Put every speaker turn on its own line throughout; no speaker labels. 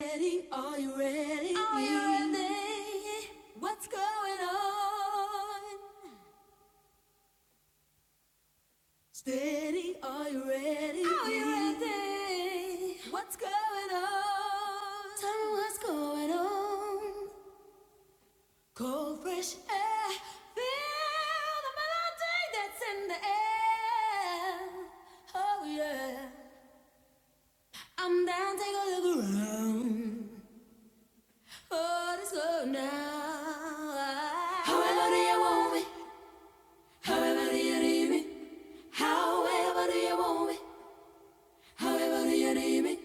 Ready? Are you ready? Are you ready? What's going on? Steady, are you ready? Are you ready? What's going on? Tell me what's going on. Cold, fresh air. Feel the melody that's in the air. Oh, yeah. I'm down, take a look around. Oh, let's go now. However do you want me? However do you need me? However do you want me? However do you need me?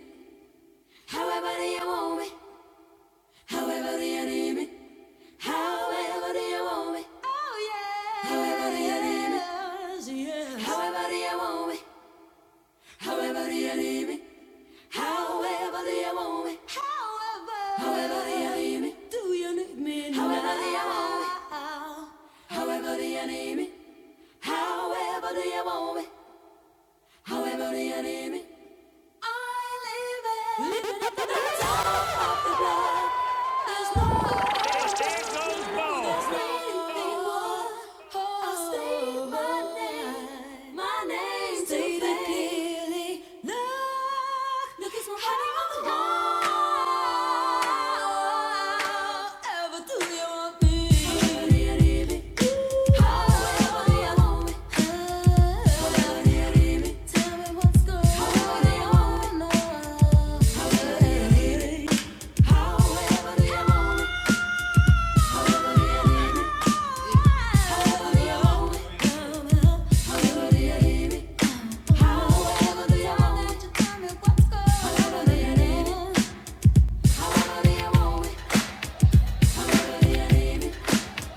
However do you want me? However do you need me? However do you want me? Oh yeah. However do you need me? Yes. However do you want me? However do you need me? However do you want me? However. However do you need me? Do you need me? However do you want me? However do you need me? However do you want me? However do you need me? And there goes Bo. However, do you want me?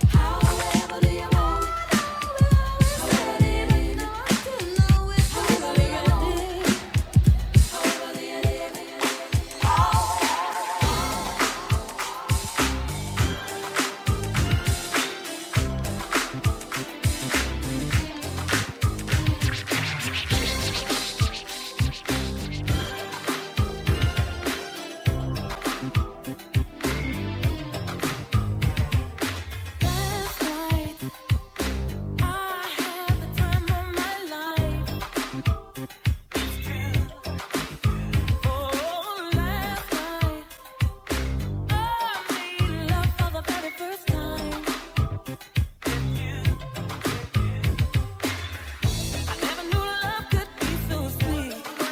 However do you want it? However do you need it? You do you want it? However do you need it? Last night I had the time of my life. Oh, last night I made love for the very first time. I never knew love could be so sweet.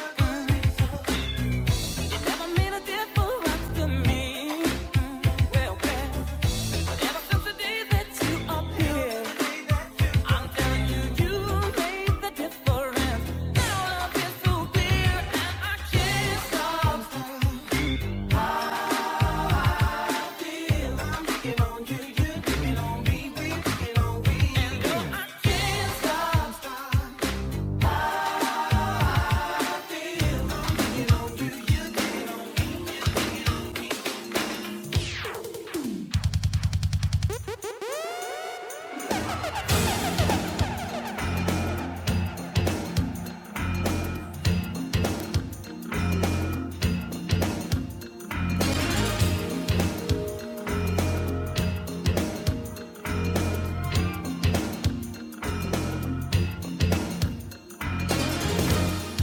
It never made a difference to me. Well, well, ever since the day that you appeared. I'm telling you, you made the difference. Now love so clear, and I can't stop.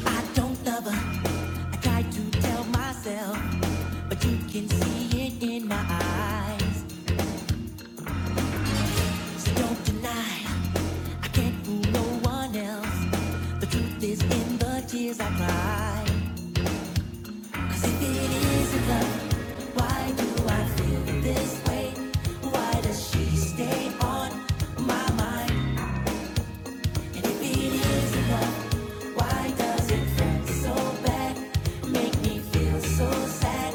I don't love her. I try to tell myself, but you can see it in my eyes. So don't deny. I can't fool no one else. The truth is in the tears I cry. Cause if it isn't love, why do I feel this way? Why does she stay on my mind? And if it isn't love, why does it hurt so bad? Make me feel so sad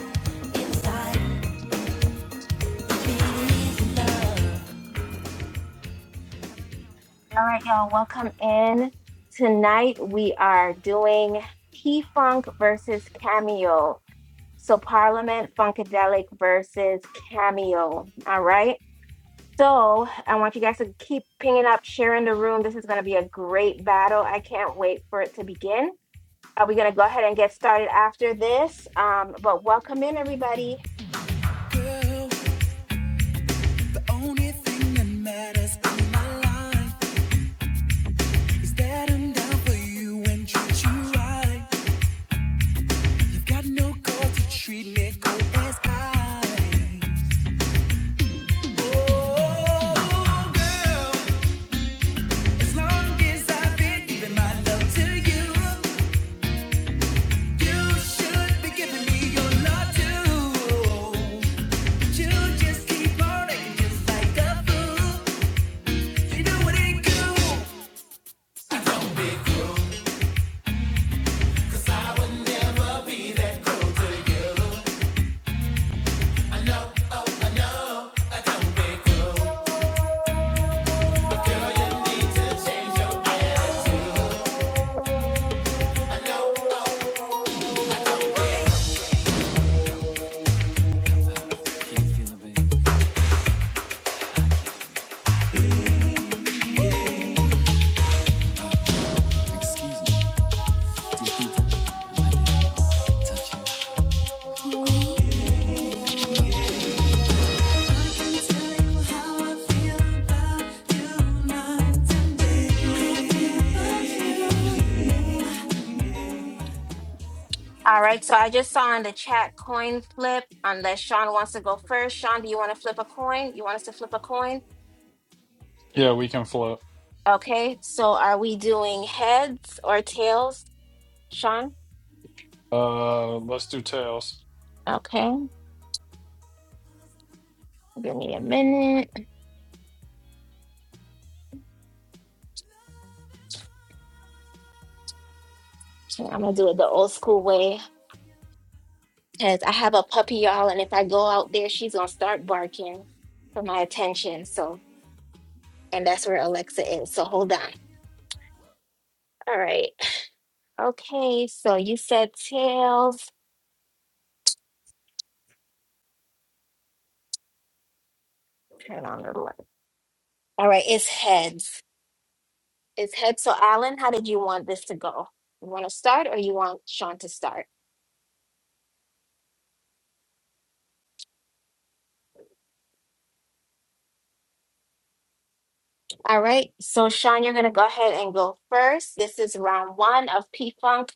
inside. If it isn't love,
All right, y'all, welcome in. Tonight we are doing P Funk versus Cameo. So, Parliament Funkadelic versus Cameo. All right. So, I want you guys to keep pinging up, sharing the room. This is going to be a great battle. I can't wait for it to begin. Are we going to go ahead and get started after this? Um, but welcome in, everybody.
Girl, the only thing that matters in my life is that I'm down for you and treat you right. You've got no call to treat me cold as ice. Oh, girl, as long as I've been giving my love to you, you should be giving me your love too. You just keep on acting just like a fool. You know what it
All right. So, I just saw in the chat coin flip. Unless Sean wants to go first. Sean, do you want to flip a coin? You want us to flip a coin?
Yeah, we can flip.
Okay, so are we doing heads or tails, Sean?
Uh, let's
do.
do tails.
Okay, give me a minute. Okay, I'm gonna do it the old school way because I have a puppy, y'all, and if I go out there, she's gonna start barking for my attention. So, and that's where Alexa is. So hold on. All right. Okay, so you said tails. Turn on the light. All right, it's heads. It's heads. So, Alan, how did you want this to go? You want to start or you want Sean to start? All right, so Sean, you're going to go ahead and go first. This is round one of P Funk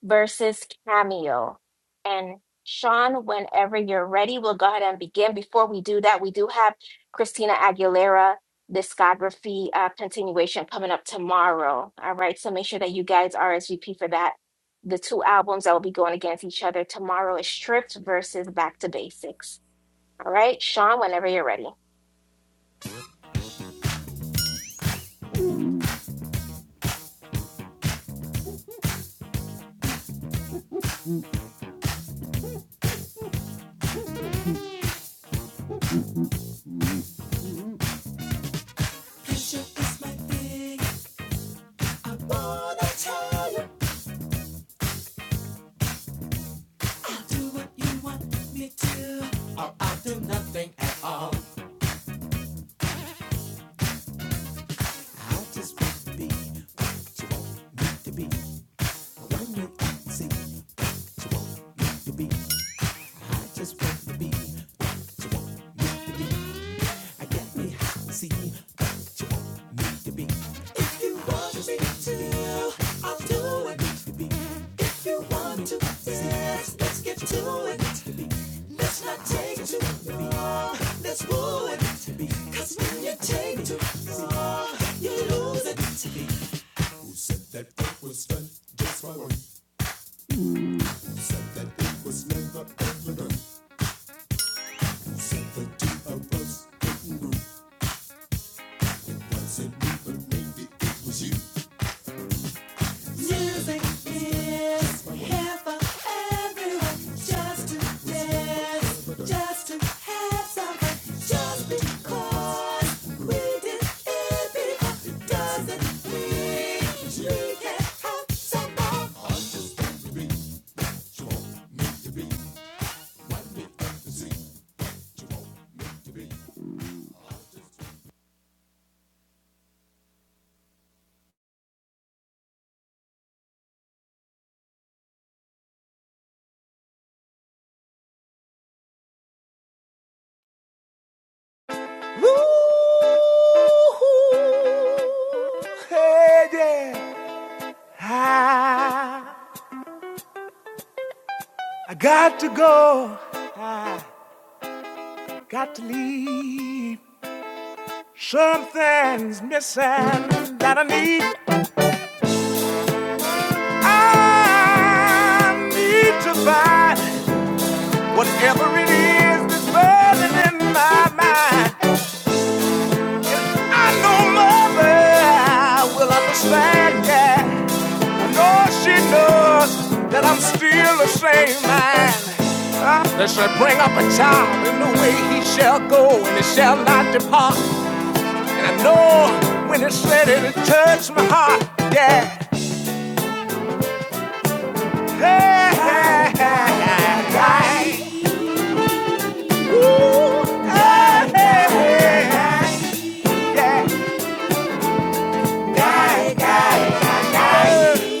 versus Cameo. And Sean, whenever you're ready, we'll go ahead and begin. Before we do that, we do have Christina Aguilera discography uh, continuation coming up tomorrow. All right, so make sure that you guys RSVP for that. The two albums that will be going against each other tomorrow is Stripped versus Back to Basics. All right, Sean, whenever you're ready.
Pressure is my thing. I wanna tell you, I'll do what you want me to, or I'll do nothing at all. i just want to be what you want me to be. When you can see what you be, I just want to be what you want me to be. I get me hot, see me back to what you want me to be. If you want me to, I'll do it. If you want to, dance, let's get to it. Let's not take too long. Let's woo it. Cause when you take too long, you lose it. Music is here for everyone. Just to dance, just to have some fun. Just because we did it before doesn't mean we can't have some more.
Woo-hoo. Hey, yeah. I, I got to go. I got to leave. Something's missing that I need. I need to find whatever it is that's burning in my mind. I know mother will understand, yeah. I know she knows that I'm still the same man. Uh, That shall bring up a child in the way he shall go and it shall not depart. And I know when it's said it, it touched my heart, yeah. Hey, hey, hey, hey. hey. Ooh, hey, hey, hey, hey. Yeah. Hey, hey, hey, hey.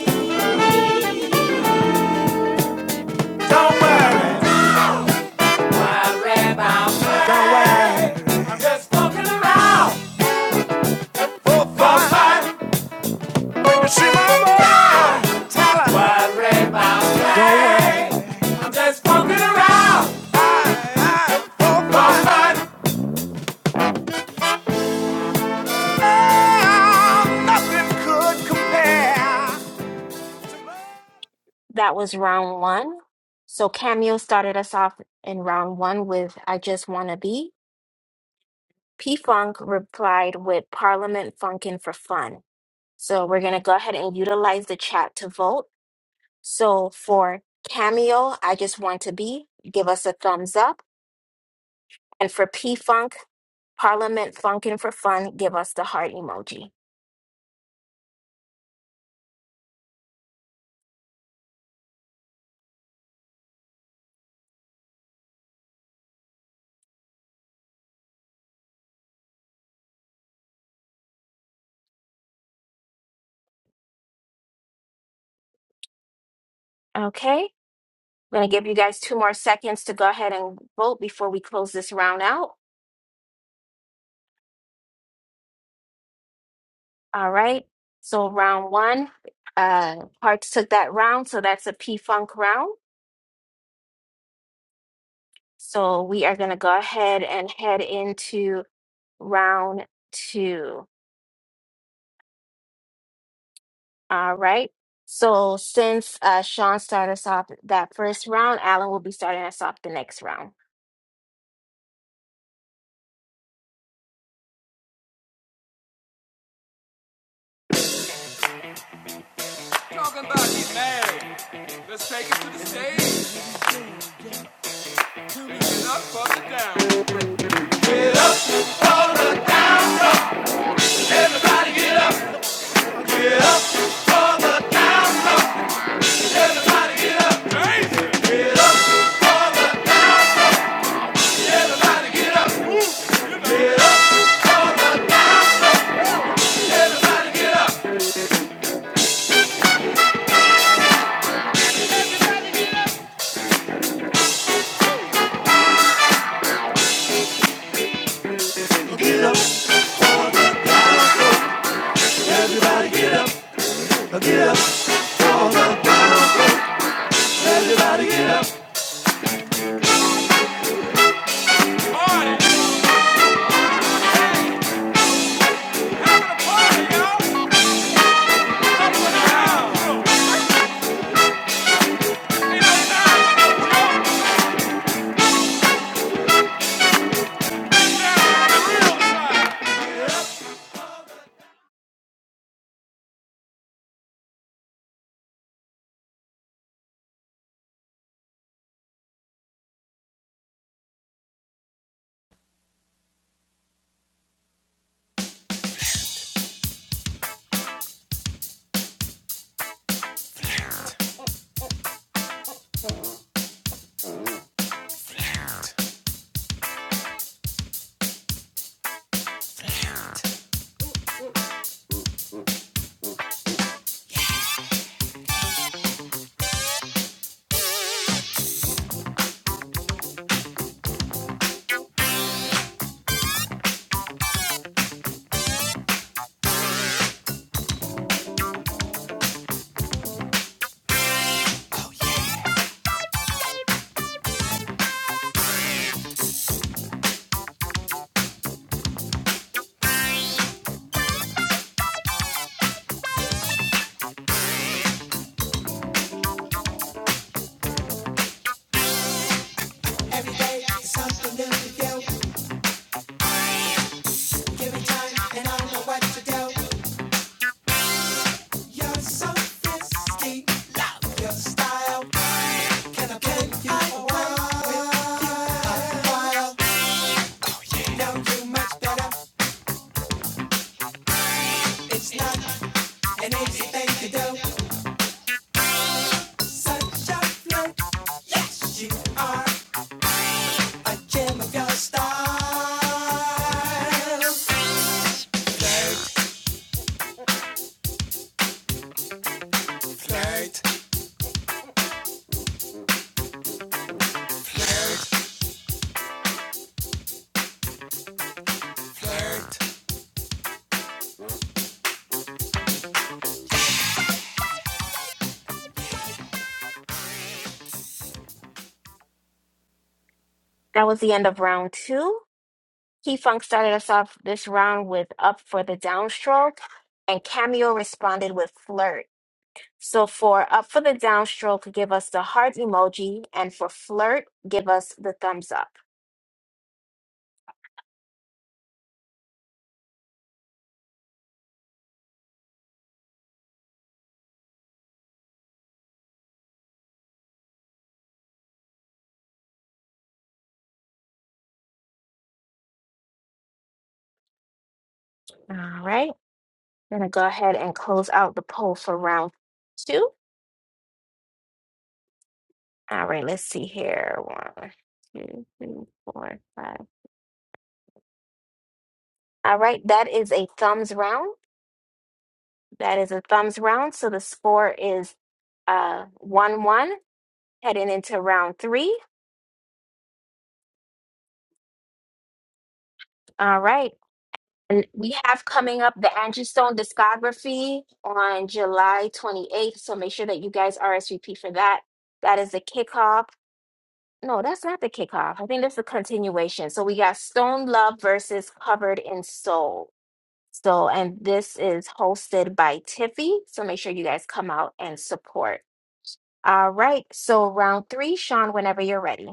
Don't worry. Hold
That was round one. So Cameo started us off in round one with I Just Wanna Be. P Funk replied with Parliament Funkin' for Fun. So we're gonna go ahead and utilize the chat to vote. So for Cameo, I Just Want to Be, give us a thumbs up. And for P Funk, Parliament Funkin' for Fun, give us the heart emoji. Okay? I'm gonna give you guys two more seconds to go ahead and vote before we close this round out. All right. So round one, uh, Hearts took that round, so that's a P Funk round. So we are gonna go ahead and head into round two. All right. So since uh, Sean started us off that first round, Alan will be starting us off the next round.
her down. Everybody get up, hold the down, everybody get up, party.
Always something new to do. Give time, and I know what to do. You're so risky, your style. Can I give a while? With you a Know you much better. It's not. an easy thing to do. Such a flow. Yes, you are a gem of your style. Flirt, flirt.
That was the end of round two. P Funk started us off this round with "Up for the Downstroke," and Cameo responded with "Flirt." So for up for the downstroke, give us the heart emoji, and for flirt, give us the thumbs up. All right. Gonna go ahead and close out the poll for round two. All right, let's see here. One, two, three, four, five. All right, that is a thumbs round. That is a thumbs round. So the score is uh one one heading into round three. All right. And we have coming up the Angie Stone discography on July 28th. So make sure that you guys RSVP for that. That is the kickoff. No, that's not the kickoff. I think that's the continuation. So we got Stone Love versus Covered in Soul. So, and this is hosted by Tiffy. So make sure you guys come out and support. All right. So round three, Sean, whenever you're ready.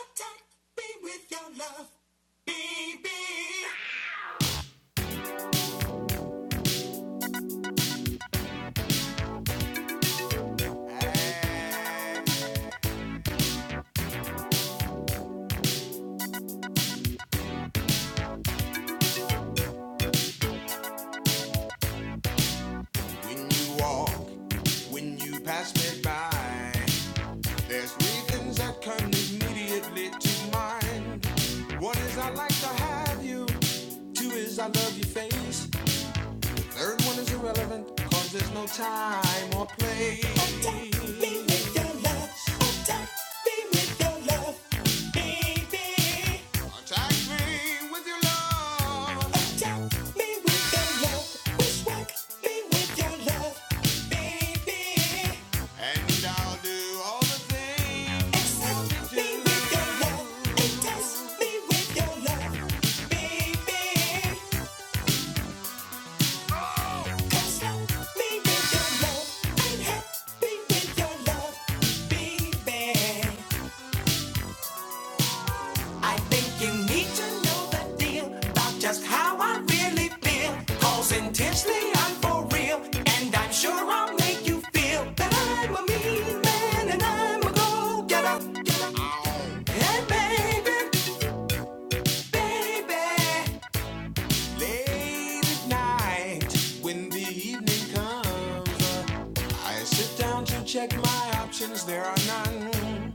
Attack me with your love, baby. And When you walk, when you pass me by, there's three things that come immediately to mind. One is I like to have you. Two is I love your face. Third one is irrelevant, cause there's no time or place. Oh, don't be with your love. Oh, don't be with your love, baby. Attack me with your love. attack me me with with your your love, Wishwack me with your love, baby. And I'll do all the things me me with with your your love, And test me with your love, Baby Intensely, I'm for real, and I'm sure I'll make you feel that I'm a mean man and I'm a go getter. Hey, baby, baby. Late at night, when the evening comes, uh, I sit down to check my options, there are none.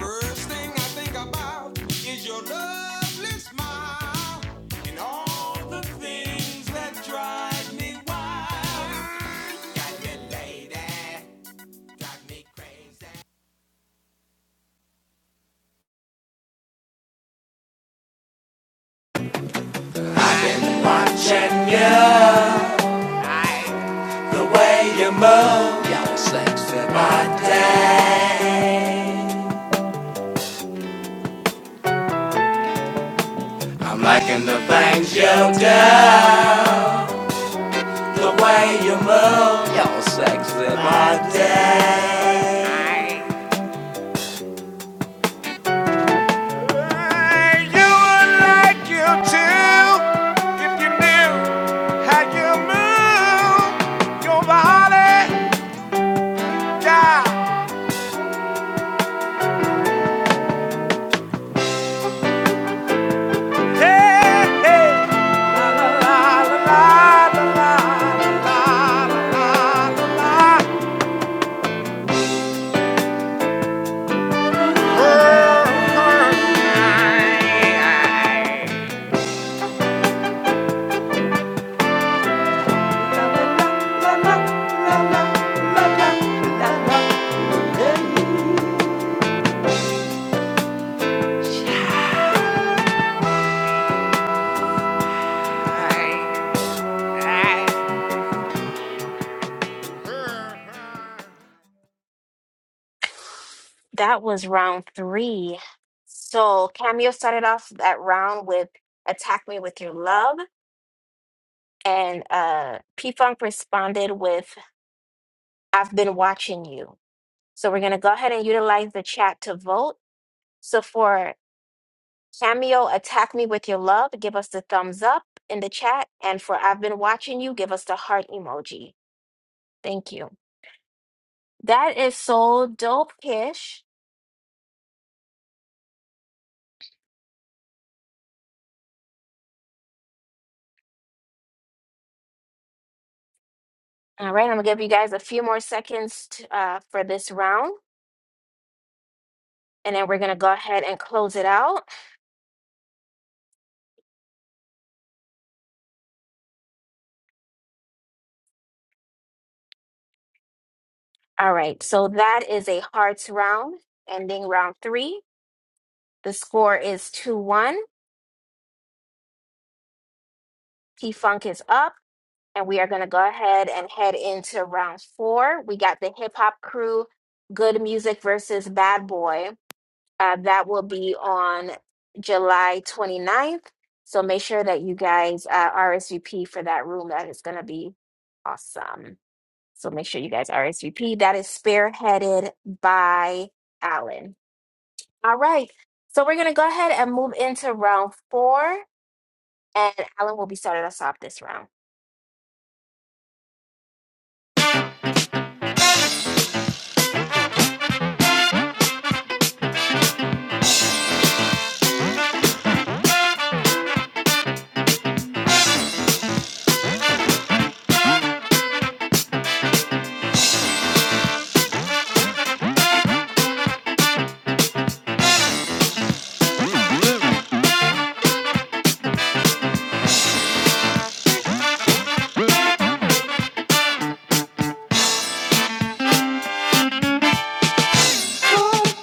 First thing I think about is your lovely smile and all the things that drive me wild. Got me lady, got me crazy.
Watching you, the way you move, your sexy body. I'm liking the things you do, the way you move, your sexy body. You would like you to, if you knew how you move, your body, yeah. Hey, hey.
That was round three. So Cameo started off that round with Attack Me With Your Love, and uh, P Funk responded with I've Been Watching You. So we're going to go ahead and utilize the chat to vote. So for Cameo, Attack Me With Your Love, give us the thumbs up in the chat. And for I've Been Watching You, give us the heart emoji. Thank you. That is so dope, Kish. All right, I'm going to give you guys a few more seconds to, uh, for this round. And then we're going to go ahead and close it out. All right. So that is a hearts round, ending round three. The score is 2 1. P Funk is up. And we are going to go ahead and head into round four. We got the hip hop crew, Good Music versus Bad Boy. Uh, that will be on July twenty ninth. So make sure that you guys uh, RSVP for that room. That is going to be awesome. So make sure you guys RSVP. That is spearheaded by Alan. All right. So we're going to go ahead and move into round four, and Alan will be starting us off this round.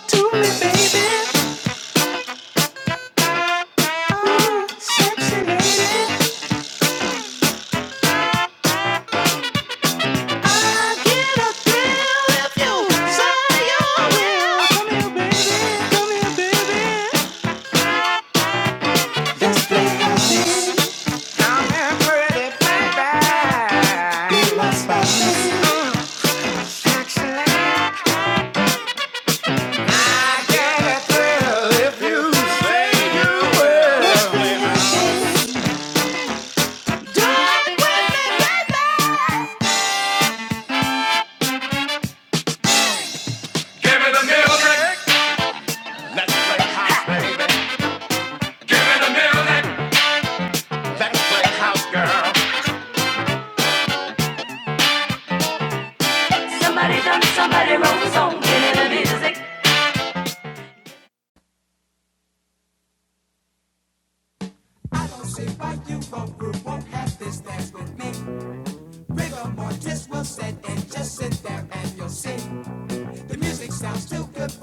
to me, baby. Ooh, sexy lady. I get a thrill if you say you Come here, baby. Come here, baby. Just think of me. i pretty baby. Be my special. Excellent. a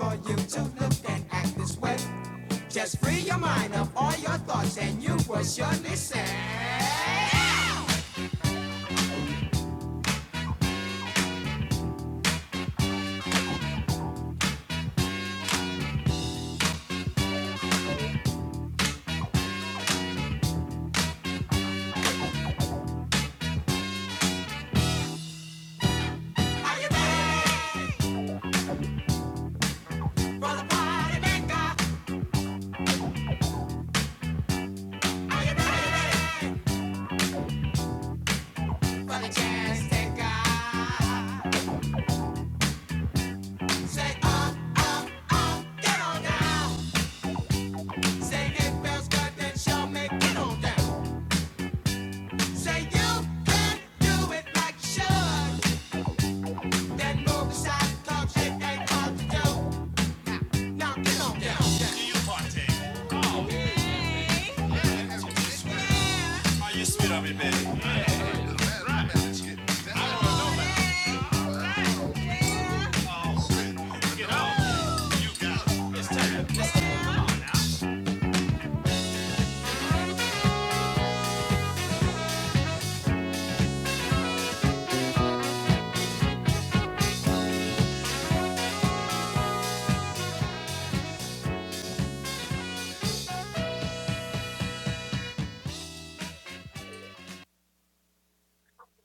For you to look and act this way, just free your mind of all your thoughts and you will surely say, How you doing?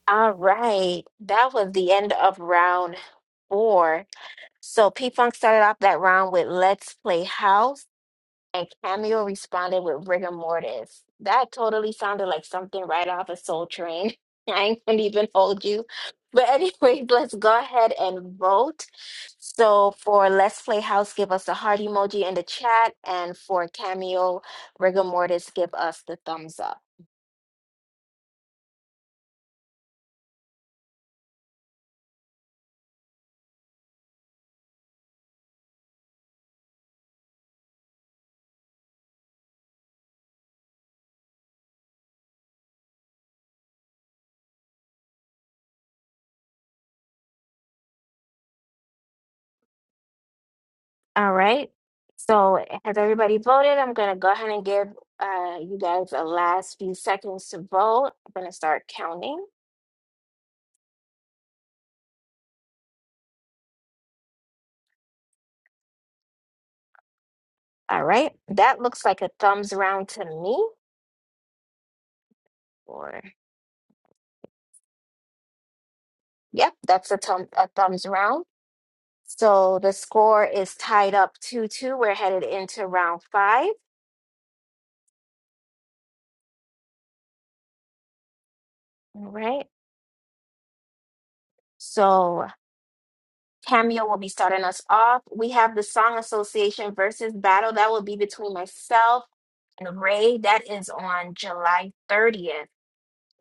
All right. That was the end of round four. So P Funk started off that round with Let's Play House. and Cameo responded with rigor mortis. That totally sounded like something right off of Soul Train. I ain't gonna even hold you. But anyway, let's go ahead and vote. So for Let's Play House, give us the heart emoji in the chat. And for Cameo, rigor mortis, give us the thumbs up. All right. So has everybody voted? I'm gonna go ahead and give uh, you guys the last few seconds to vote. I'm gonna start counting. All right, that looks like a thumbs round to me. Or yep, that's a thumb a thumbs round. So the score is tied up two two. We're headed into round five. All right. So Cameo will be starting us off. We have the Song Association versus battle that will be between myself and Ray. That is on July thirtieth.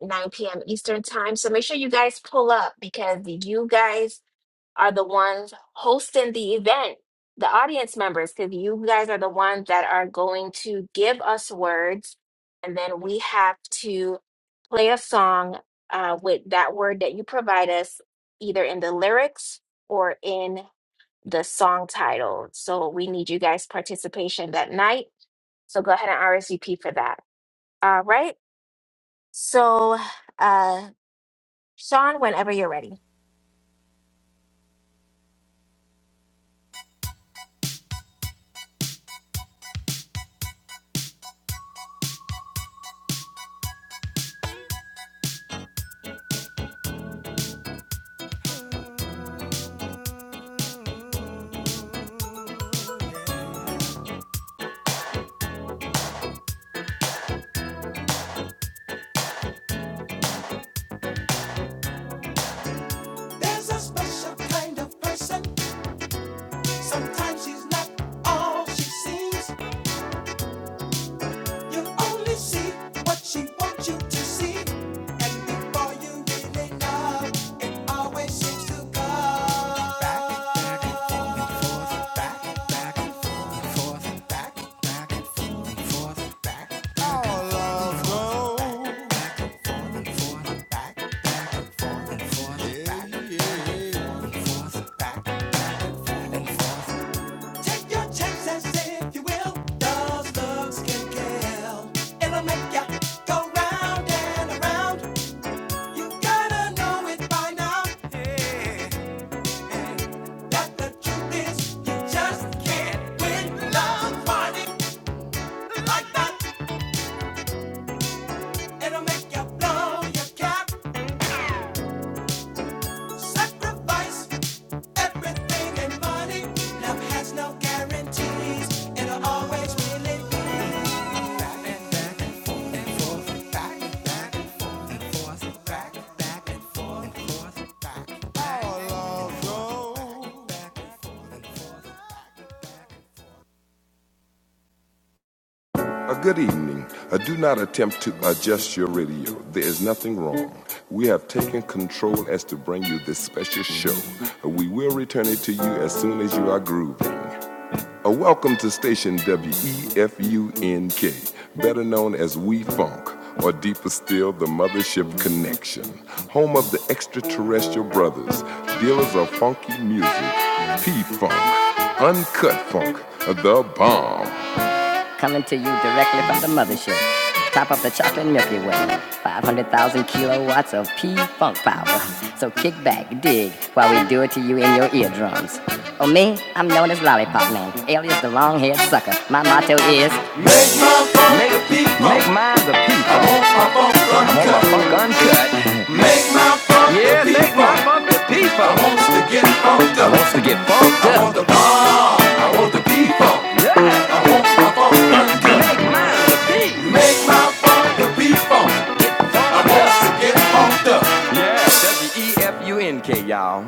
9 p.m. Eastern time. So make sure you guys pull up because you guys are the ones hosting the event, the audience members, because you guys are the ones that are going to give us words, and then we have to play a song uh, with that word that you provide us, either in the lyrics or in the song title. So we need you guys' participation that night. So go ahead and RSVP for that. All right. So, uh, Sean, whenever you're ready.
There's a special kind of person. Sometimes she's not all she seems. You only see what she wants you to see. And before you really know, it always seems to go. Take your chances if you will. Those looks can kill. It'll make ya go round and around. You gotta know it by now. that the truth is, you just can't win love, money like that. It'll make you blow your cap. it
A good evening. Uh, do not attempt to adjust your radio. There is nothing wrong. We have taken control as to bring you this special show. Uh, We will return it to you as soon as you are grooving. A welcome to station WEFUNK, better known as We Funk, or deeper still, the Mothership Connection, home of the extraterrestrial brothers, dealers of funky music, P Funk, Uncut Funk, the bomb. Coming to you directly from the mothership. Top up the chocolate Milky Way. 500,000 kilowatts of P-Funk power. So kick back, dig, while we do it to you in your eardrums. Oh, me, I'm known as Lollipop Man, alias the long-haired sucker. My motto is... Yeah, make my W-E-F-U-N-K, y'all.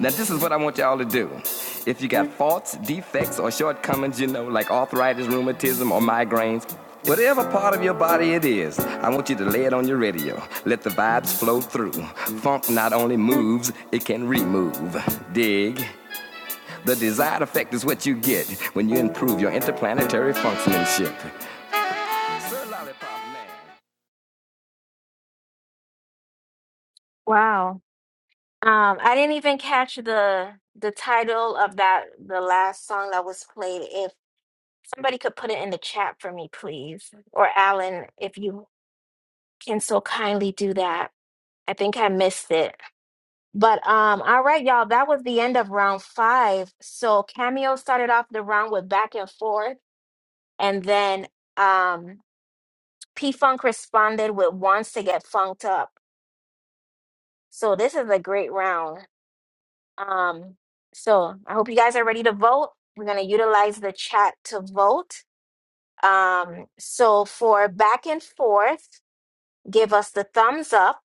Now, this is what I want y'all to do. If you got faults, defects, or shortcomings, you know, like arthritis, rheumatism, or migraines, whatever part of your body it is, I want you to lay it on your radio. Let the vibes flow through. Funk not only moves, it can remove. Dig. The desired effect is what you get when you improve your interplanetary functionship.
Wow. Um, I didn't even catch the the title of that the last song that was played. If somebody could put it in the chat for me, please. Or Alan, if you can so kindly do that. I think I missed it. But um, all right, y'all, that was the end of round five. So Cameo started off the round with back and forth, and then um P Funk responded with wants to get funked up. So this is a great round. Um, so I hope you guys are ready to vote. We're going to utilize the chat to vote. Um, so for back and forth, give us the thumbs up.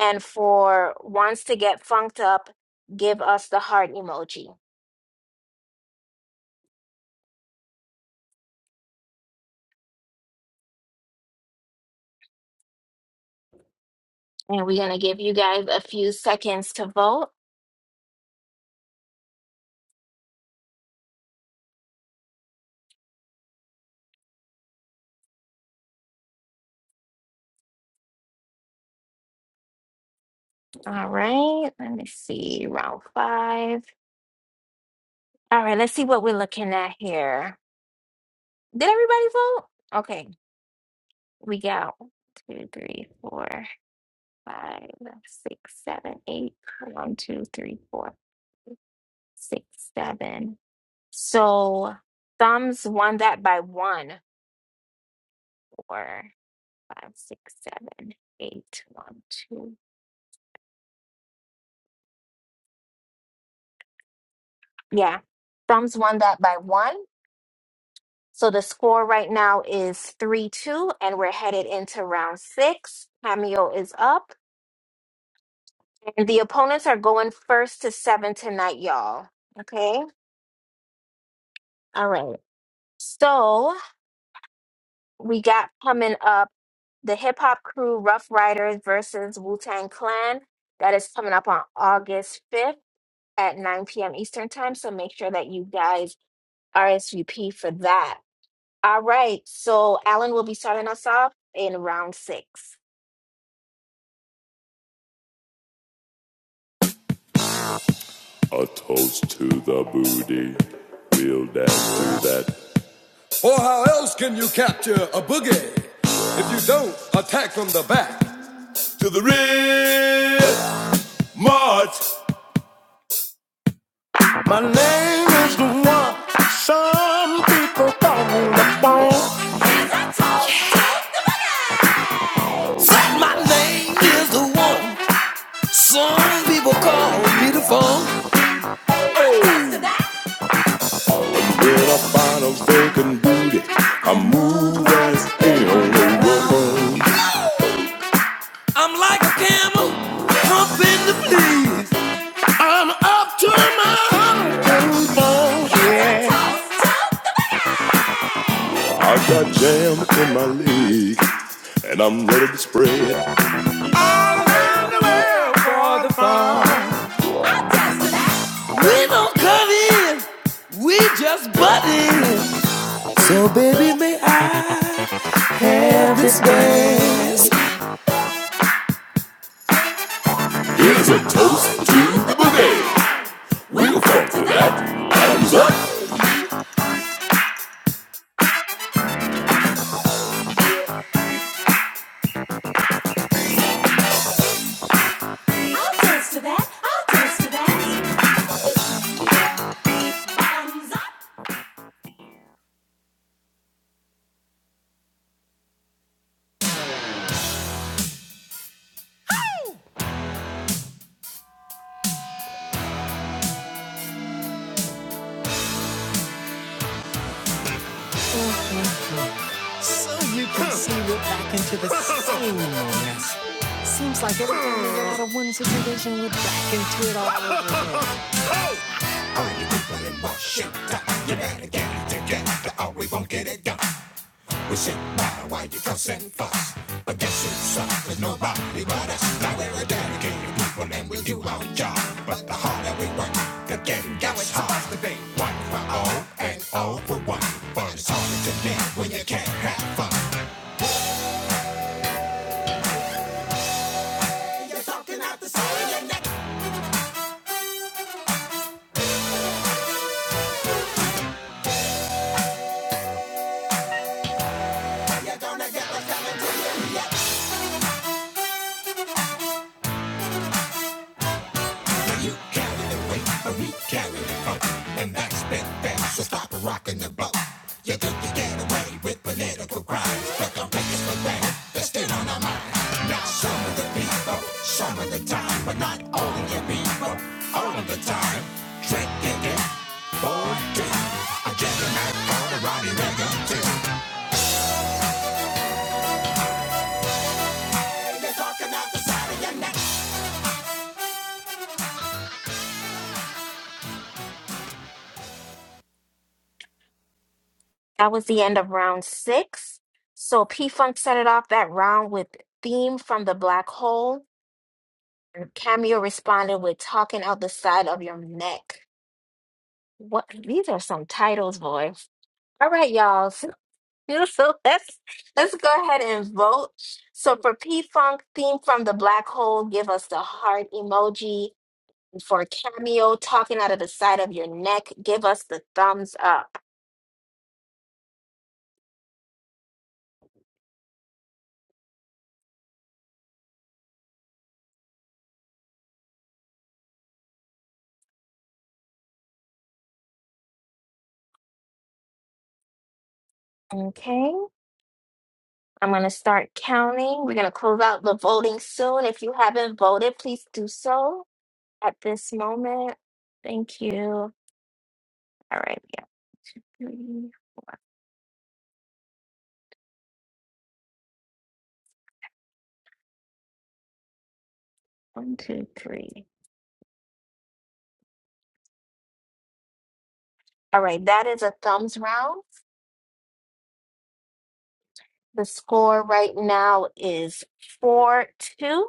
And for wants to get funked up, give us the heart emoji. And we're going to give you guys a few seconds to vote. All right. Let me see. Round five. All right. Let's see what we're looking at here. Did everybody vote? Okay. We got two, three, four. five, six, seven, eight. One, two, three, four, six, seven. So thumbs won that by one. Four, five, six, seven, eight, one, two. Yeah. Thumbs won that by one. So the score right now is 3 2, and we're headed into round six. Cameo is up, and the opponents are going first to seven tonight, y'all. Okay. All right. So we got coming up. the hip hop crew Rough Riders versus Wu Tang Clan. That is coming up on August 5th at 9 p.m. Eastern Time. So make sure that you guys RSVP for that. All right. So Alan will be starting us off in round six.
A toast to the. My name is the one some people call me the phone. I
Seems like everything we get out of one situation, we're back into it all over again.
That was the end of round six. So P Funk started off that round with Theme from the Black Hole. Cameo responded with Talking Out the Side of Your Neck. What? These are some titles, boy. All right, y'all. Beautiful. Let's let's go ahead and vote. So for P Funk theme from the black hole, give us the heart emoji. And For cameo talking out of the side of your neck, give us the thumbs up. Okay, I'm gonna start counting. We're gonna close out the voting soon. If you haven't voted, please do so at this moment. Thank you. All right, yeah. Three, one, two, three. All right, that is a thumbs round. The score right now is four two,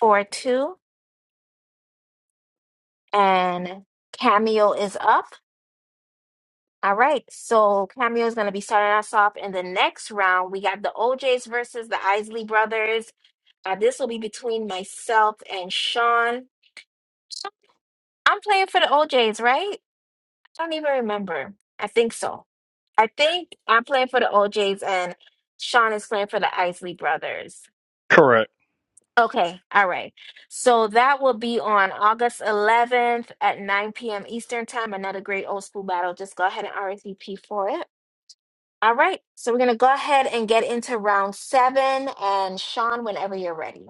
four two, and Cameo is up. All right, so Cameo is going to be starting us off in the next round. We got the OJs versus the Isley brothers. Uh, this will be between myself and Sean. I'm playing for the OJs, right? I don't even remember. I think so. I think I'm playing for the OJs and Sean is playing for the Isley brothers.
Correct.
Okay, all right. So that will be on August 11th at 9 p.m. Eastern Time. Another great old school battle. Just go ahead and RSVP for it. All right, so we're going to go ahead and get into round seven. And Sean, whenever you're ready.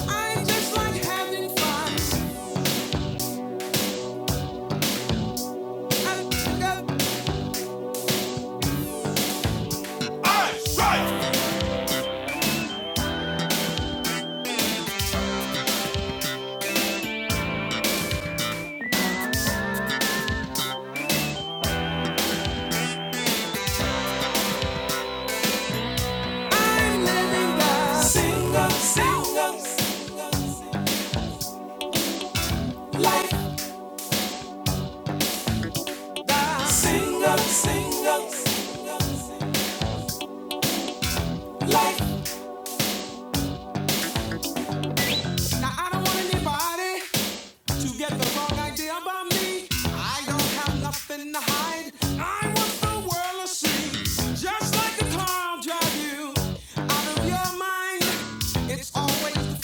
Together That's it.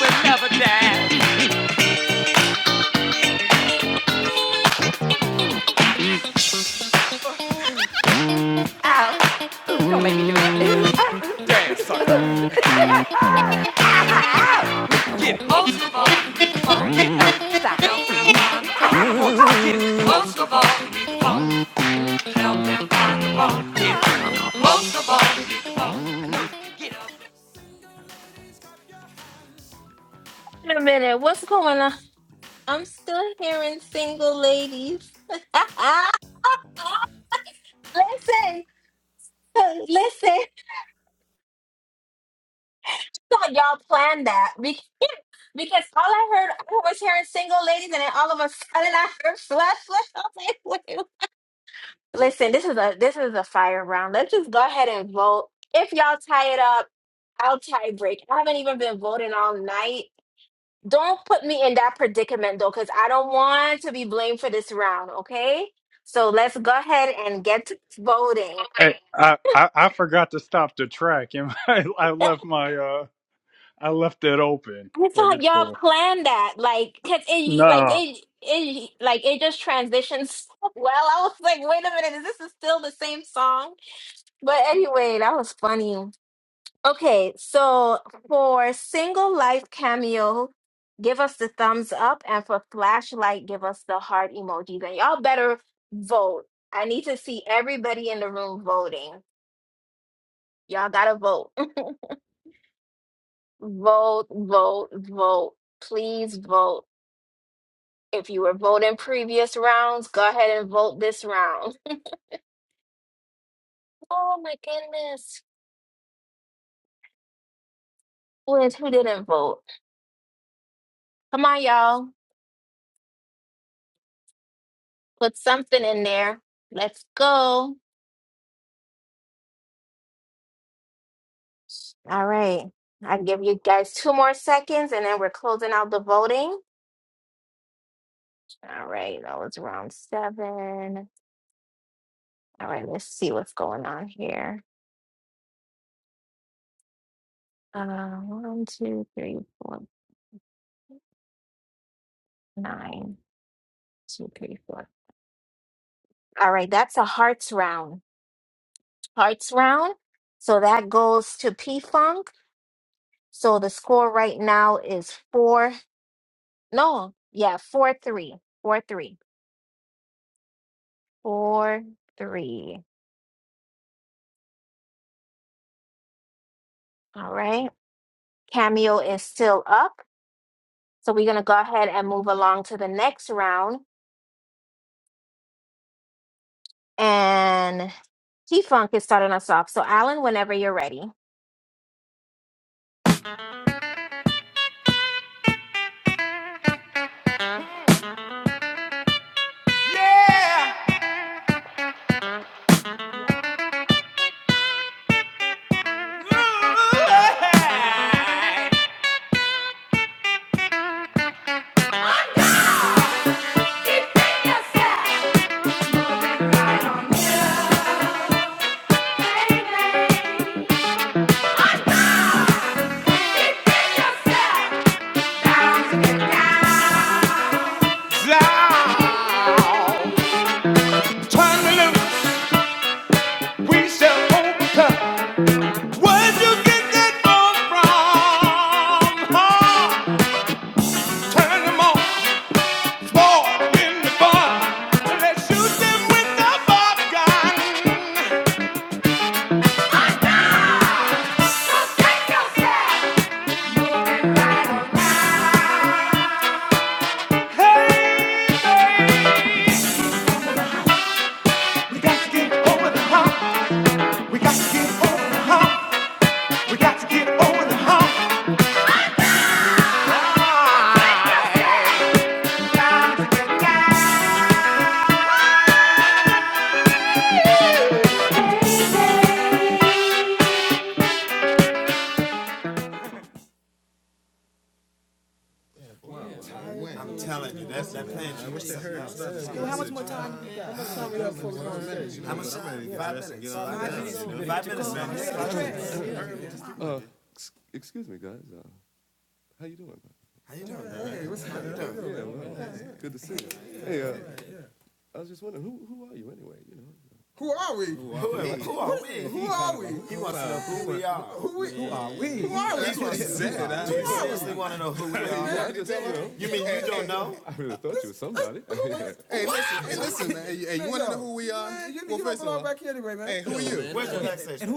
would never die.
Wait a minute, what's going on? I'm still hearing single ladies. listen, listen. Thought y'all planned that Because all I heard, I was hearing single ladies, and then all of a sudden I heard flush, flush. I was like, wait. Listen, this is a this is a fire round. Let's just go ahead and vote. If y'all tie it up, I'll tie break. I haven't even been voting all night. Don't put me in that predicament though, because I don't want to be blamed for this round. Okay, so let's go ahead and get to voting.
Hey, I, I I forgot to stop the track and I, I left my uh I left it open,
I
but
thought
it's
y'all
cool.
planned that, like, cause it, like
No,
it, it, like it just transitions so well. I was like, wait a minute, is this is still the same song? But anyway, that was funny. Okay, so for single life cameo, give us the thumbs up, and for flashlight, give us the heart emojis. And y'all better vote. I need to see everybody in the room voting. Y'all gotta vote, vote, vote, vote. Please vote. If you were voting previous rounds, go ahead and vote this round. Oh my goodness. Wait, who didn't vote? Come on, y'all. Put something in there. Let's go. All right. I'll give you guys two more seconds and then we're closing out the voting. All right. That was round seven. All right. Let's see what's going on here. Uh, one, two, three, four, nine, two, three, four. All right. That's a hearts round. hearts round. So that goes to P Funk. So the score right now is four. No, yeah, four three, four three, four three. All right. Cameo is still up. So we're gonna go ahead and move along to the next round. And P Funk is starting us off. So Alan, whenever you're ready.
Yeah! Ooh, yeah. Turn me loose, she oh, Where'd you get that bone from? Huh? Turn them on, ball in the barn. Let's shoot them with the bob We got to get over the hump. We got to get over the hump. We got to get over the hump.
How much time? Five minutes. Five minutes, man. Uh, how you doing? Good to see you. Hey, uh, I just wondering who, who anyway, you know. Who are we? Who are we? Who are we? Who are we? He wants to know Who we. Who are we? Who are we? That's what he said. You mean you don't know? I really thought you was somebody. Hey, you want to know who we are? Man, you need well, to get first up of and all all, back here anyway, man. Hey. Where's the next section?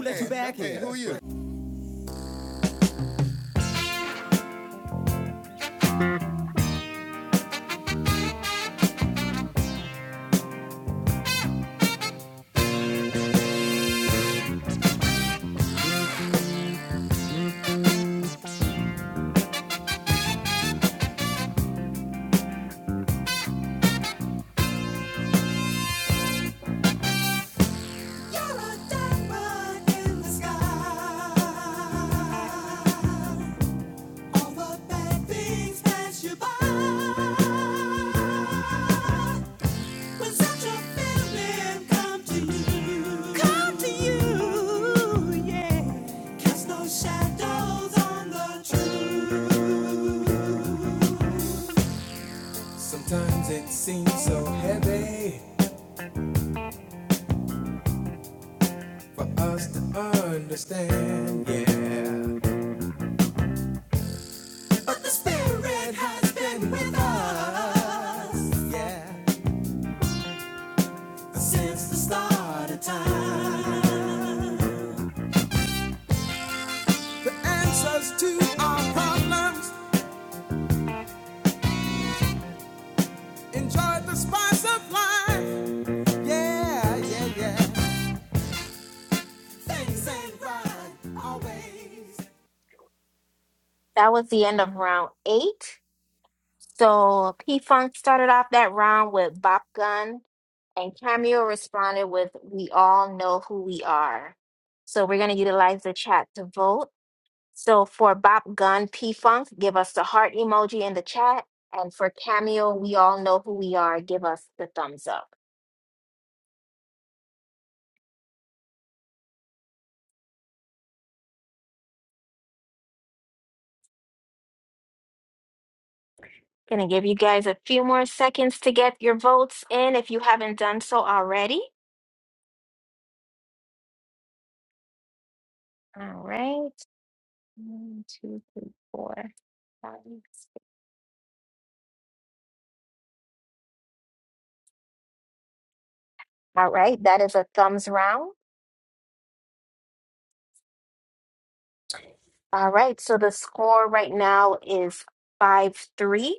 You're a diamond in the sky. All the bad things pass you by. When such a feeling come to you, come to you, yeah. Cast those shadows on the truth. Seems so hard to understand, yeah. But the Spirit has been with us, yeah, since the start of time. The answers to our problems, enjoy the spice of life, yeah, yeah, yeah. Things ain't right always.
That was the end of round eight. So P Funk started off that round with Bop Gun, and Cameo responded with We All Know Who We Are. So we're going to utilize the chat to vote. So for Bop Gun, P Funk, give us the heart emoji in the chat. And for Cameo, We All Know Who We Are, give us the thumbs up. Gonna give you guys a few more seconds to get your votes in if you haven't done so already. All right. One, two, three, four, five, six. All right. That is a thumbs round. All right, so the score right now is 5-3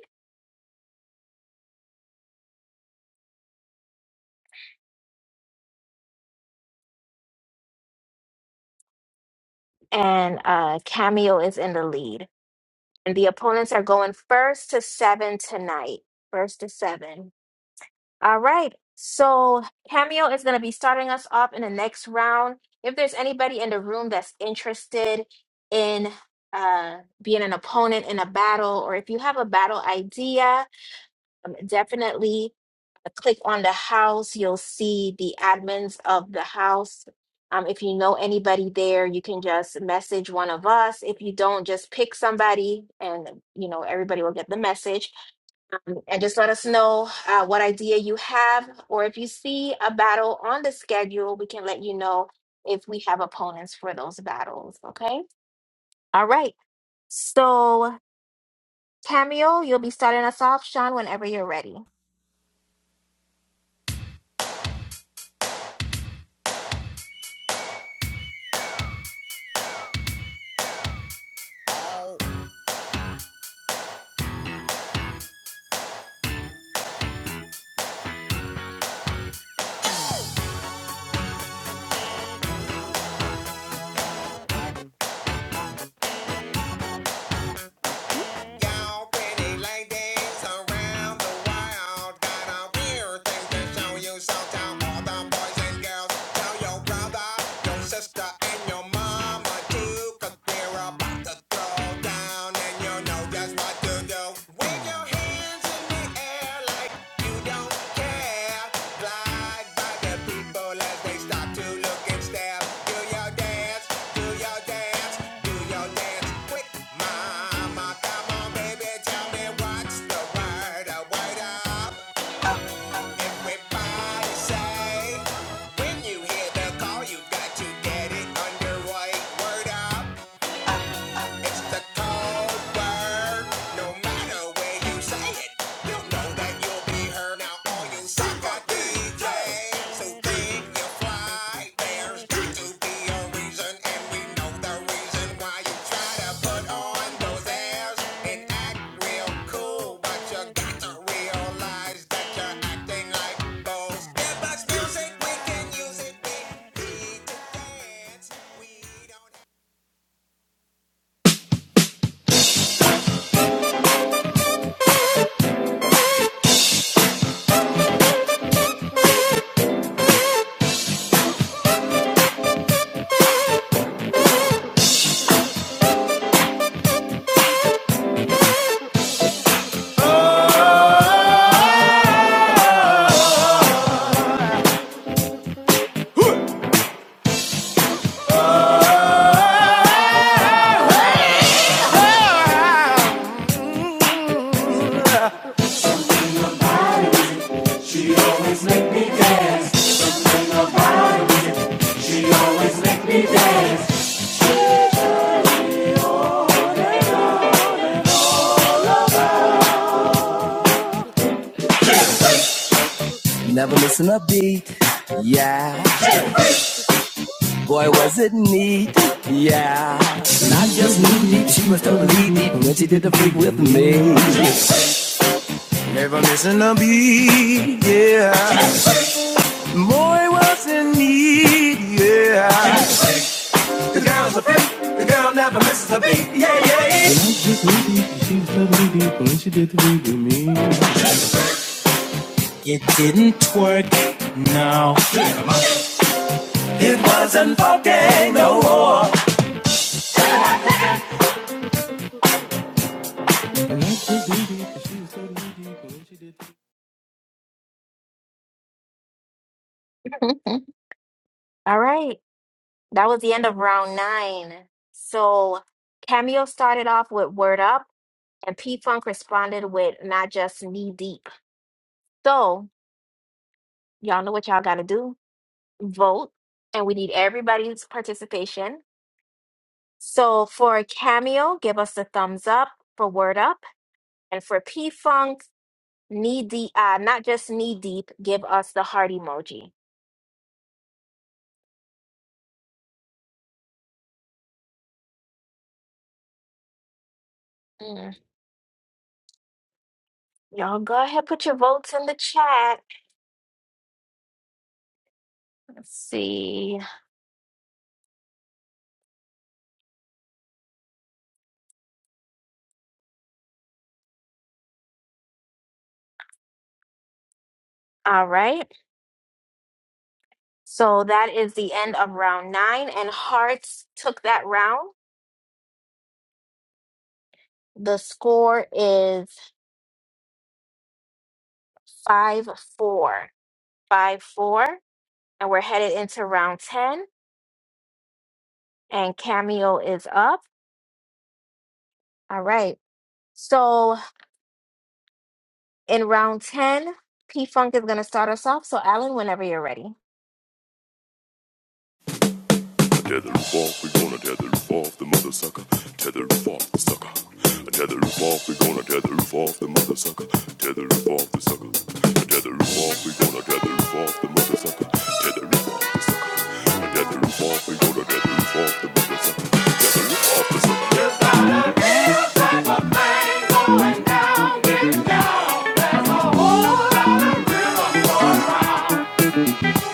and uh Cameo is in the lead. And the opponents are going first to 7 tonight. First to 7. All right. So Cameo is going to be starting us off in the next round. If there's anybody in the room that's interested in uh being an opponent in a battle or if you have a battle idea, Um, definitely uh, click on the house, you'll see the admins of the house. Um, if you know anybody there, you can just message one of us. If you don't, just pick somebody, and you know everybody will get the message. And just let us know uh, what idea you have, or if you see a battle on the schedule, we can let you know if we have opponents for those battles. Okay. All right. So, Cameo, you'll be starting us off, Sean, whenever you're ready.
Y'all pretty ladies around the world got a weird thing to show. all the girls, brother, your sister, and your mama too, Cause we're about to throw down and you know. like you don't care. Glide by the people as they stop to look and stare. Do your dance, do your dance, do your dance. Quick, mama, come on, baby, tell me what's the word. A word everybody say. When you hear the call, you got to get it underway. Word up. It's the code word. No matter where you say it, you know that you'll be heard. Now all you sucker DJs who think you fly, there's got to be a reason on this. It cool, but you're acting like those. Give us music, we can use it. We need to dance.
Have a beat, yeah. Boy, was it neat, yeah. Not just neat, neat, she was totally deep when she did the freak with me. Never missing a beat, yeah. The Boy was in need, yeah. The girl's a freak. The girl never misses a beat, yeah, yeah. It didn't work out. no. It wasn't fucking no more.
All right. That was the end of round nine. So Cameo started off with Word Up, and P Funk responded with Not Just Knee Deep. So y'all know what y'all got to do vote, and we need everybody's participation. So for Cameo, give us a thumbs up for Word Up, and for P Funk, knee deep, uh, not just knee deep, give us the heart emoji. Mm. Y'all go ahead, put your votes in the chat. Let's see. All right. So that is the end of round nine, and Hearts took that round. The score is 5 4. 5 4. And we're headed into round 10, and Cameo is up. All right. So in round 10, P Funk is going to start us off. So, Alan, whenever you're ready.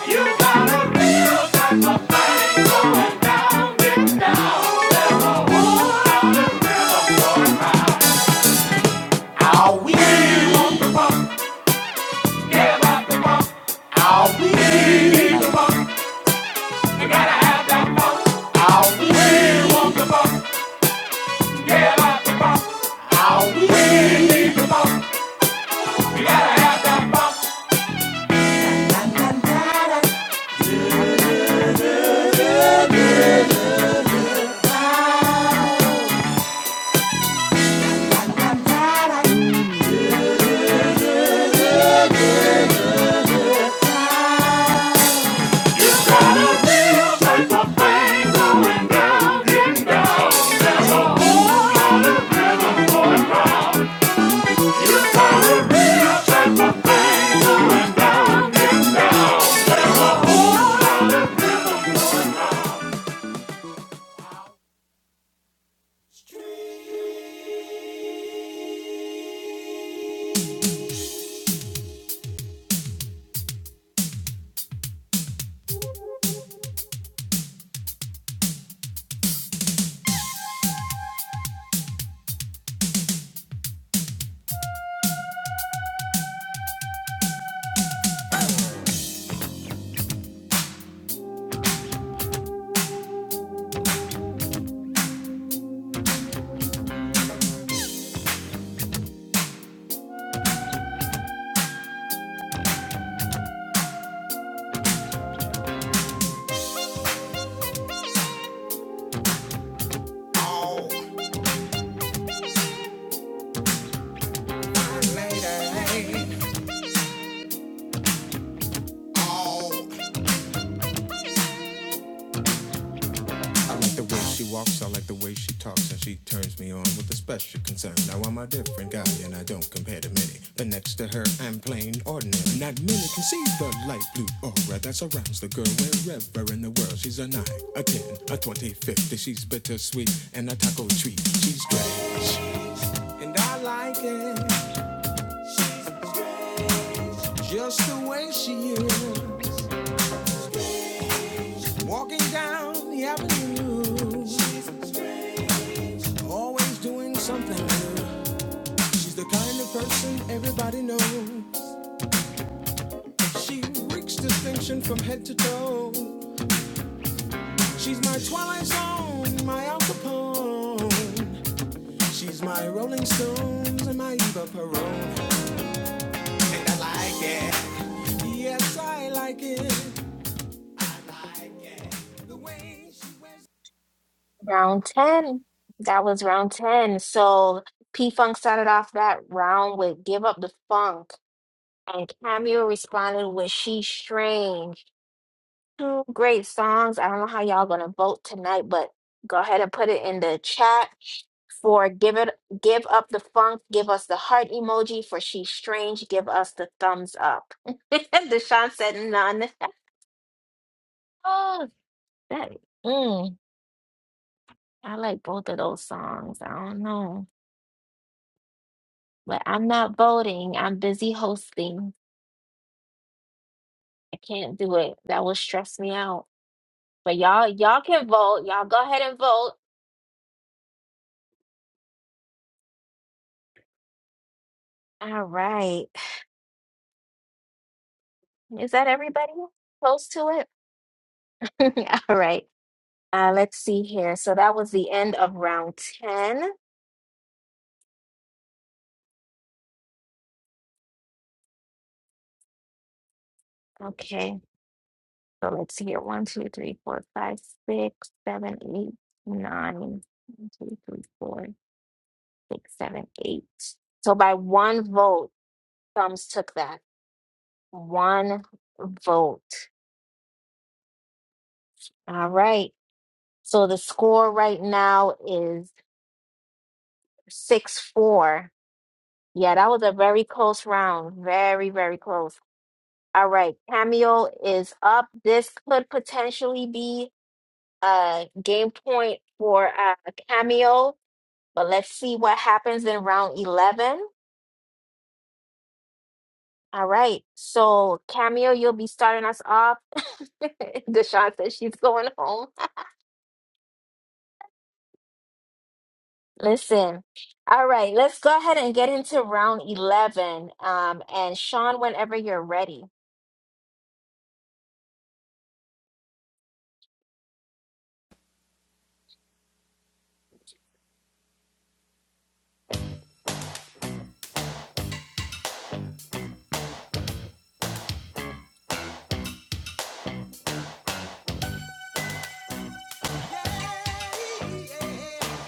You gotta thing going down Are we? Are we? Are we? want the funk, yeah, about the funk. So
Later. hey. I like the way she walks, I like the way she talks, and she turns me on with a special concern. Now I'm a different guy, and I don't compare to many. But next to her, I'm plain ordinary. Not many can see the light blue aura that surrounds the girl wherever in the world. She's a nine, a ten, a twenty, fifty. She's bittersweet and a taco treat. She's strange, and I like it just the way she is. Walking down the avenue, she's always doing something new. She's the kind of person everybody knows. She reeks distinction from head to toe. She's my Twilight Zone, my Al Capone. She's my Rolling Stones and my Eva Peron. Yes, I like it. The way she wears
Round 10. That was round 10. So, P Funk started off that round with Give Up the Funk, and Cameo responded with She's Strange. Two great songs. I don't know how y'all gonna vote tonight, but go ahead and put it in the chat for give it give up the funk, give us the heart emoji for she's strange, give us the thumbs up. Deshaun said none. Oh that mm, I like both of those songs. I don't know. But I'm not voting. I'm busy hosting. I can't do it. That will stress me out. But y'all, y'all can vote. Y'all go ahead and vote. All right. Is that everybody close to it? All right. Uh, let's see here. So that was the end of round 10. Okay. So let's see here. One, two, three, four, five, six, seven, eight, nine. One, two, three, four, six, seven, eight. So by one vote, thumbs took that. One vote. All right. So the score right now is 6 4. Yeah, that was a very close round. Very, very close. All right, Cameo is up. This could potentially be a game point for uh, Cameo, but let's see what happens in round 11. All right, so Cameo, you'll be starting us off. Deshaun says she's going home. Listen, all right, let's go ahead and get into round 11. Um, and Sean, whenever you're ready.
it, Yes,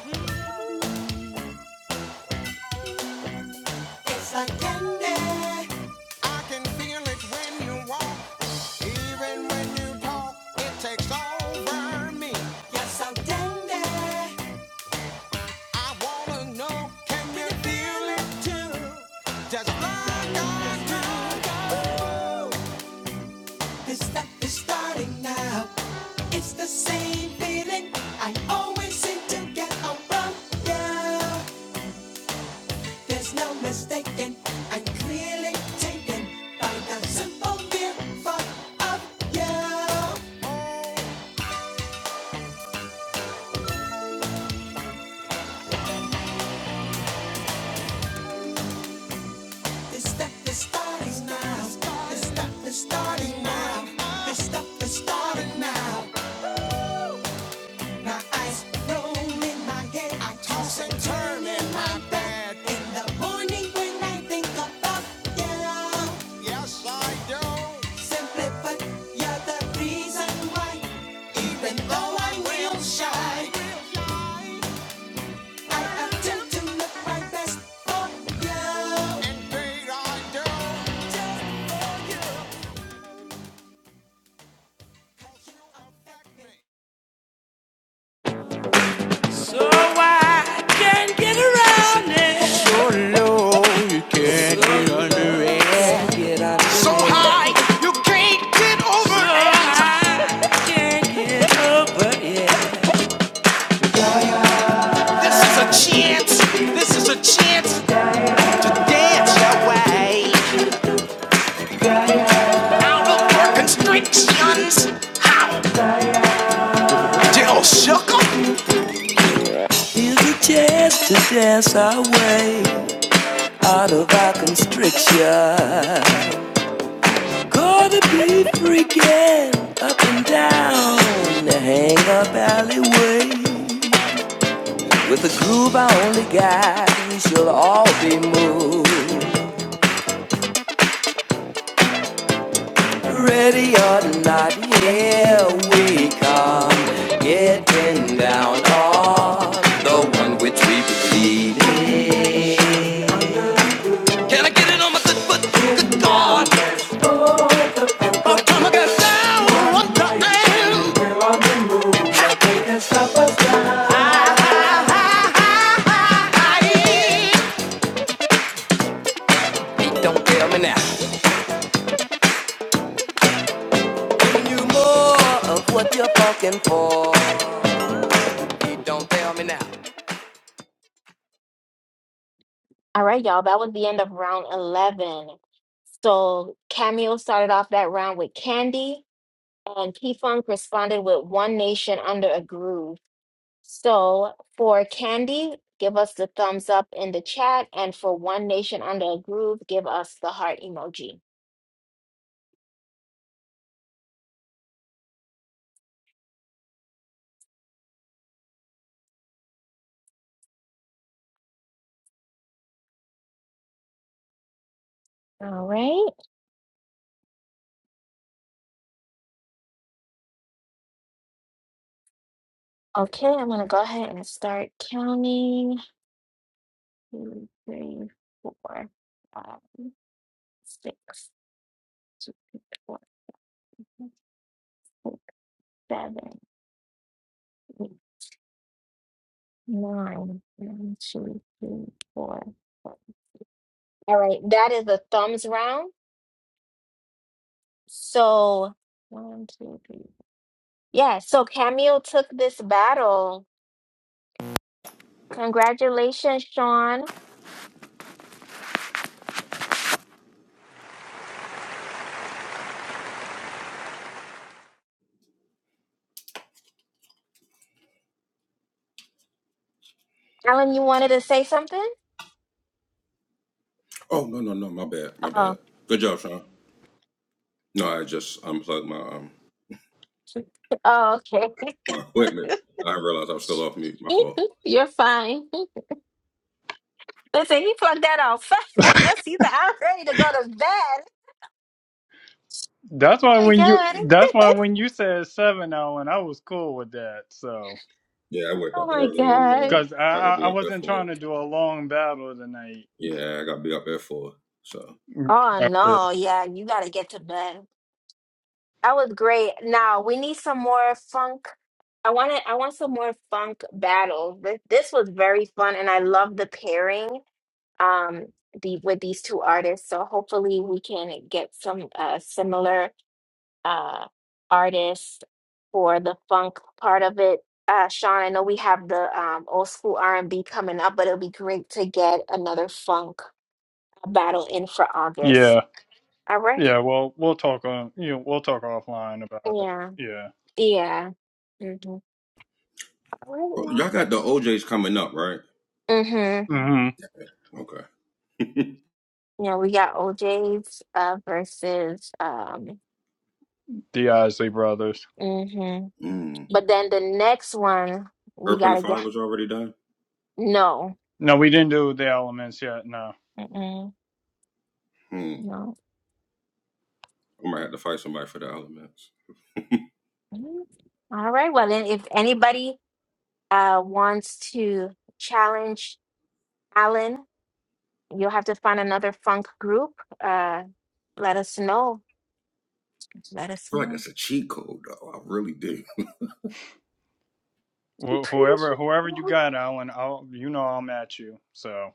I can. yeah. I can feel it when you walk. Even when you talk, it takes over me. Yes, I'm dandy. I wanna know, can feel Just look on through. This stuff is starting now. It's the same feeling I always seem to get on from you. there's no mistaking. I'm clearly taken by the simple fear of you. This stuff is starting now. This stuff is starting now. This stuff is starting now. My eyes roll in my head. I toss and turn in my bed. In the morning when I think about you, Yes, I do. simply put, you're the reason why. Even though I'm real shy, I attempt to look my best for you. Indeed, I do.
high, you can't get over it. This is a chance. This is a chance. Dance your way out of your constrictions. Dill sugar. a chance to dance our way out of our constriction. Gonna be freaking up and down the hang up alleyway. With a groove I only got, we shall all be moved. Ready or not, here we come. Getting down on the one which we believe. Can I get it on my good foot? Good God. By the time I get down, what the hell I am. Hey, don't tell me now. Give you more of what you're fucking for.
All right, y'all, that was the end of round 11. So Cameo started off that round with Candy. And P Funk responded with One Nation Under a Groove. So for Candy, give us the thumbs up in the chat. And for One Nation Under a Groove, give us the heart emoji. All right. Okay, I'm going to go ahead and start counting. Two, three, four, five, six, four, six, seven, eight, nine, one, two, three, four. All right, that is the thumbs round. So one, two, three. Yeah, so Camille took this battle. Congratulations, Sean. Alan, you wanted to say something? Oh, oh okay. You're fine. Listen, he plugged that out fast. He's like, I'm ready to go to bed.
that's
Oh
why
my
when you that's why
god.
when you said seven Owen, I was cool with that. So
Oh my god.
because I I I wasn't trying to do a long battle tonight.
Oh
After.
no, yeah, you gotta get to bed. That was great. Now we need some more funk. I want to, I want some more funk battles. This, this was very fun, and I love the pairing um the, with these two artists. So hopefully we can get some uh, similar uh artists for the funk part of it. Uh, Sean, I know we have the um, old school R and B coming up, but it'll be great to get another funk battle in for August.
Yeah,
All right.
yeah. Well, we'll talk on you. Know, we'll talk offline about it.
Yeah.
Yeah.
Yeah. Mhm. All right, well, Mm-hmm.
hmm
You know, we got OJ's uh, versus um
The Isley brothers.
hmm But then the next one we gotta get no.
No, we didn't do the elements yet. No,
Mm-mm. No. Mm. All right. Well then if anybody uh wants to challenge Alan, you'll have to find another funk group. Uh let us know. Let us know. I'm
Wh-
pretty
whoever
sure.
whoever you
yeah.
got, Alan, I'll you know I'm at you. So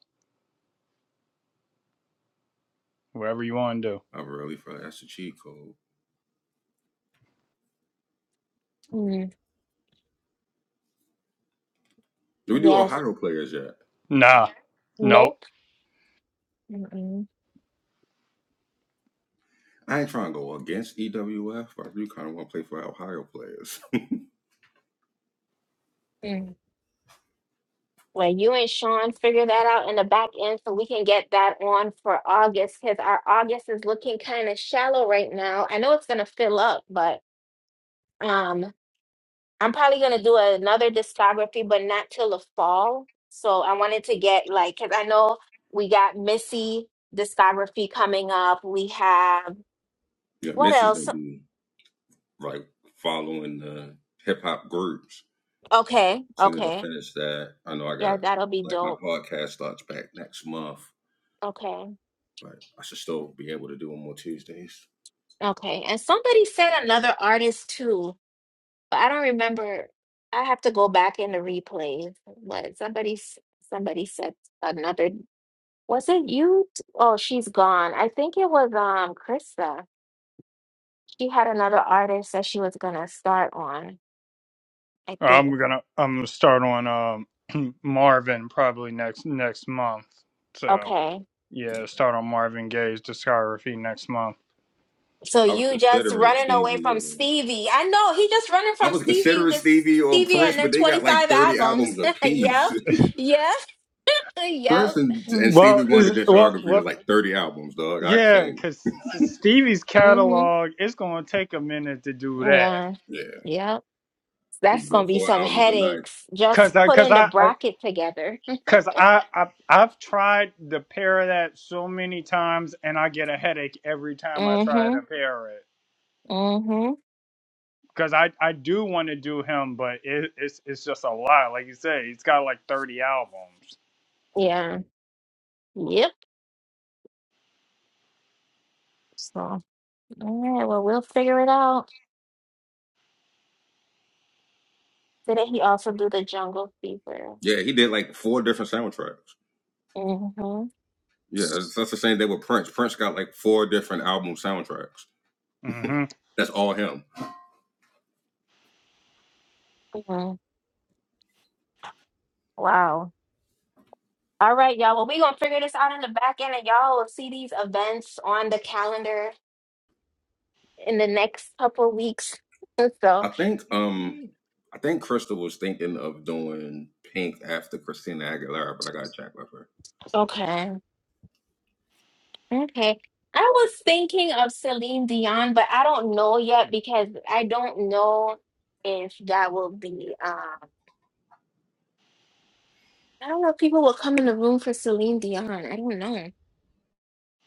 whoever you want to do.
Mm. Yes.
Nah, nope.
Nope. Mm-mm. Mm. Well, you and Sean figure that out in the back end so we can get that on for August because our August is looking kind of shallow right now. I know it's gonna fill up, but um, I'm probably gonna do another discography, but not till the fall. So I wanted to get like, because I know we got Missy discography coming up. We have what else? Okay, okay, yeah, that'll be dope. Okay, okay, and somebody said another artist too. But I don't remember. I have to go back in the replays. What somebody s- somebody said another. Was it you? t- Oh, she's gone. I think it was um Krista. She had another artist that she was gonna start on. I
I'm
think.
gonna I'm gonna start on um Marvin probably next next month. So
Okay.
yeah, start on Marvin Gaye's discography next month.
So you just running away from Stevie. I know he just running from Stevie because Stevie and their 25 albums. yep. Yep. Yep.
Well, is well well yeah, because Stevie's
Mm-hmm.
catalog it's gonna take a minute to do that.
Yeah. Yep. That's gonna be some headaches
Cause
just
I, cause
putting the
I,
bracket together.
Cause I, I I've tried to pair that so many times, and I get a headache every time I try
hmm
to pair it.
hmm
Cause I, I do want to do him, but it, it's it's just a lot. Like you say, he's got like thirty albums.
Yeah. Yep. So, all right. Well, we'll figure it out. Didn't he also do the jungle fever? hmm
Mm-hmm.
hmm Wow. All right, y'all. Well, we're gonna figure this out in the back end, and y'all will see these events on the calendar in the next couple weeks. So, okay. Okay. I was thinking of Celine Dion, but I don't know yet because I don't know if that will be um I don't know if people will come in the room for Celine Dion. I don't know.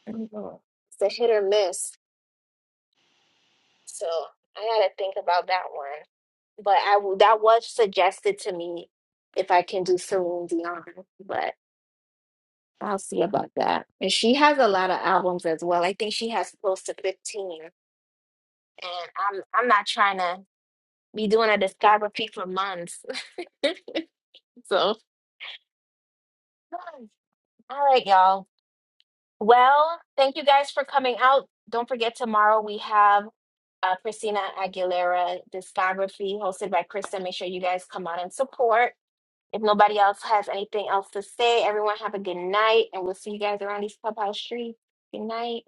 I don't know. It's a hit or miss. So I gotta think about that one. But I w- that was suggested to me if I can do Celine Dion, but I'll see about that. And she has a lot of albums as well. I think she has close to 15. And I'm I'm not trying to be doing a discography for months. so, all right, y'all. Well, thank you guys for coming out. Don't forget, tomorrow we have uh, Christina Aguilera discography hosted by Krista. Make sure you guys come out and support. If nobody else has anything else to say, everyone have a good night, and we'll see you guys around these clubhouse streets. Good night.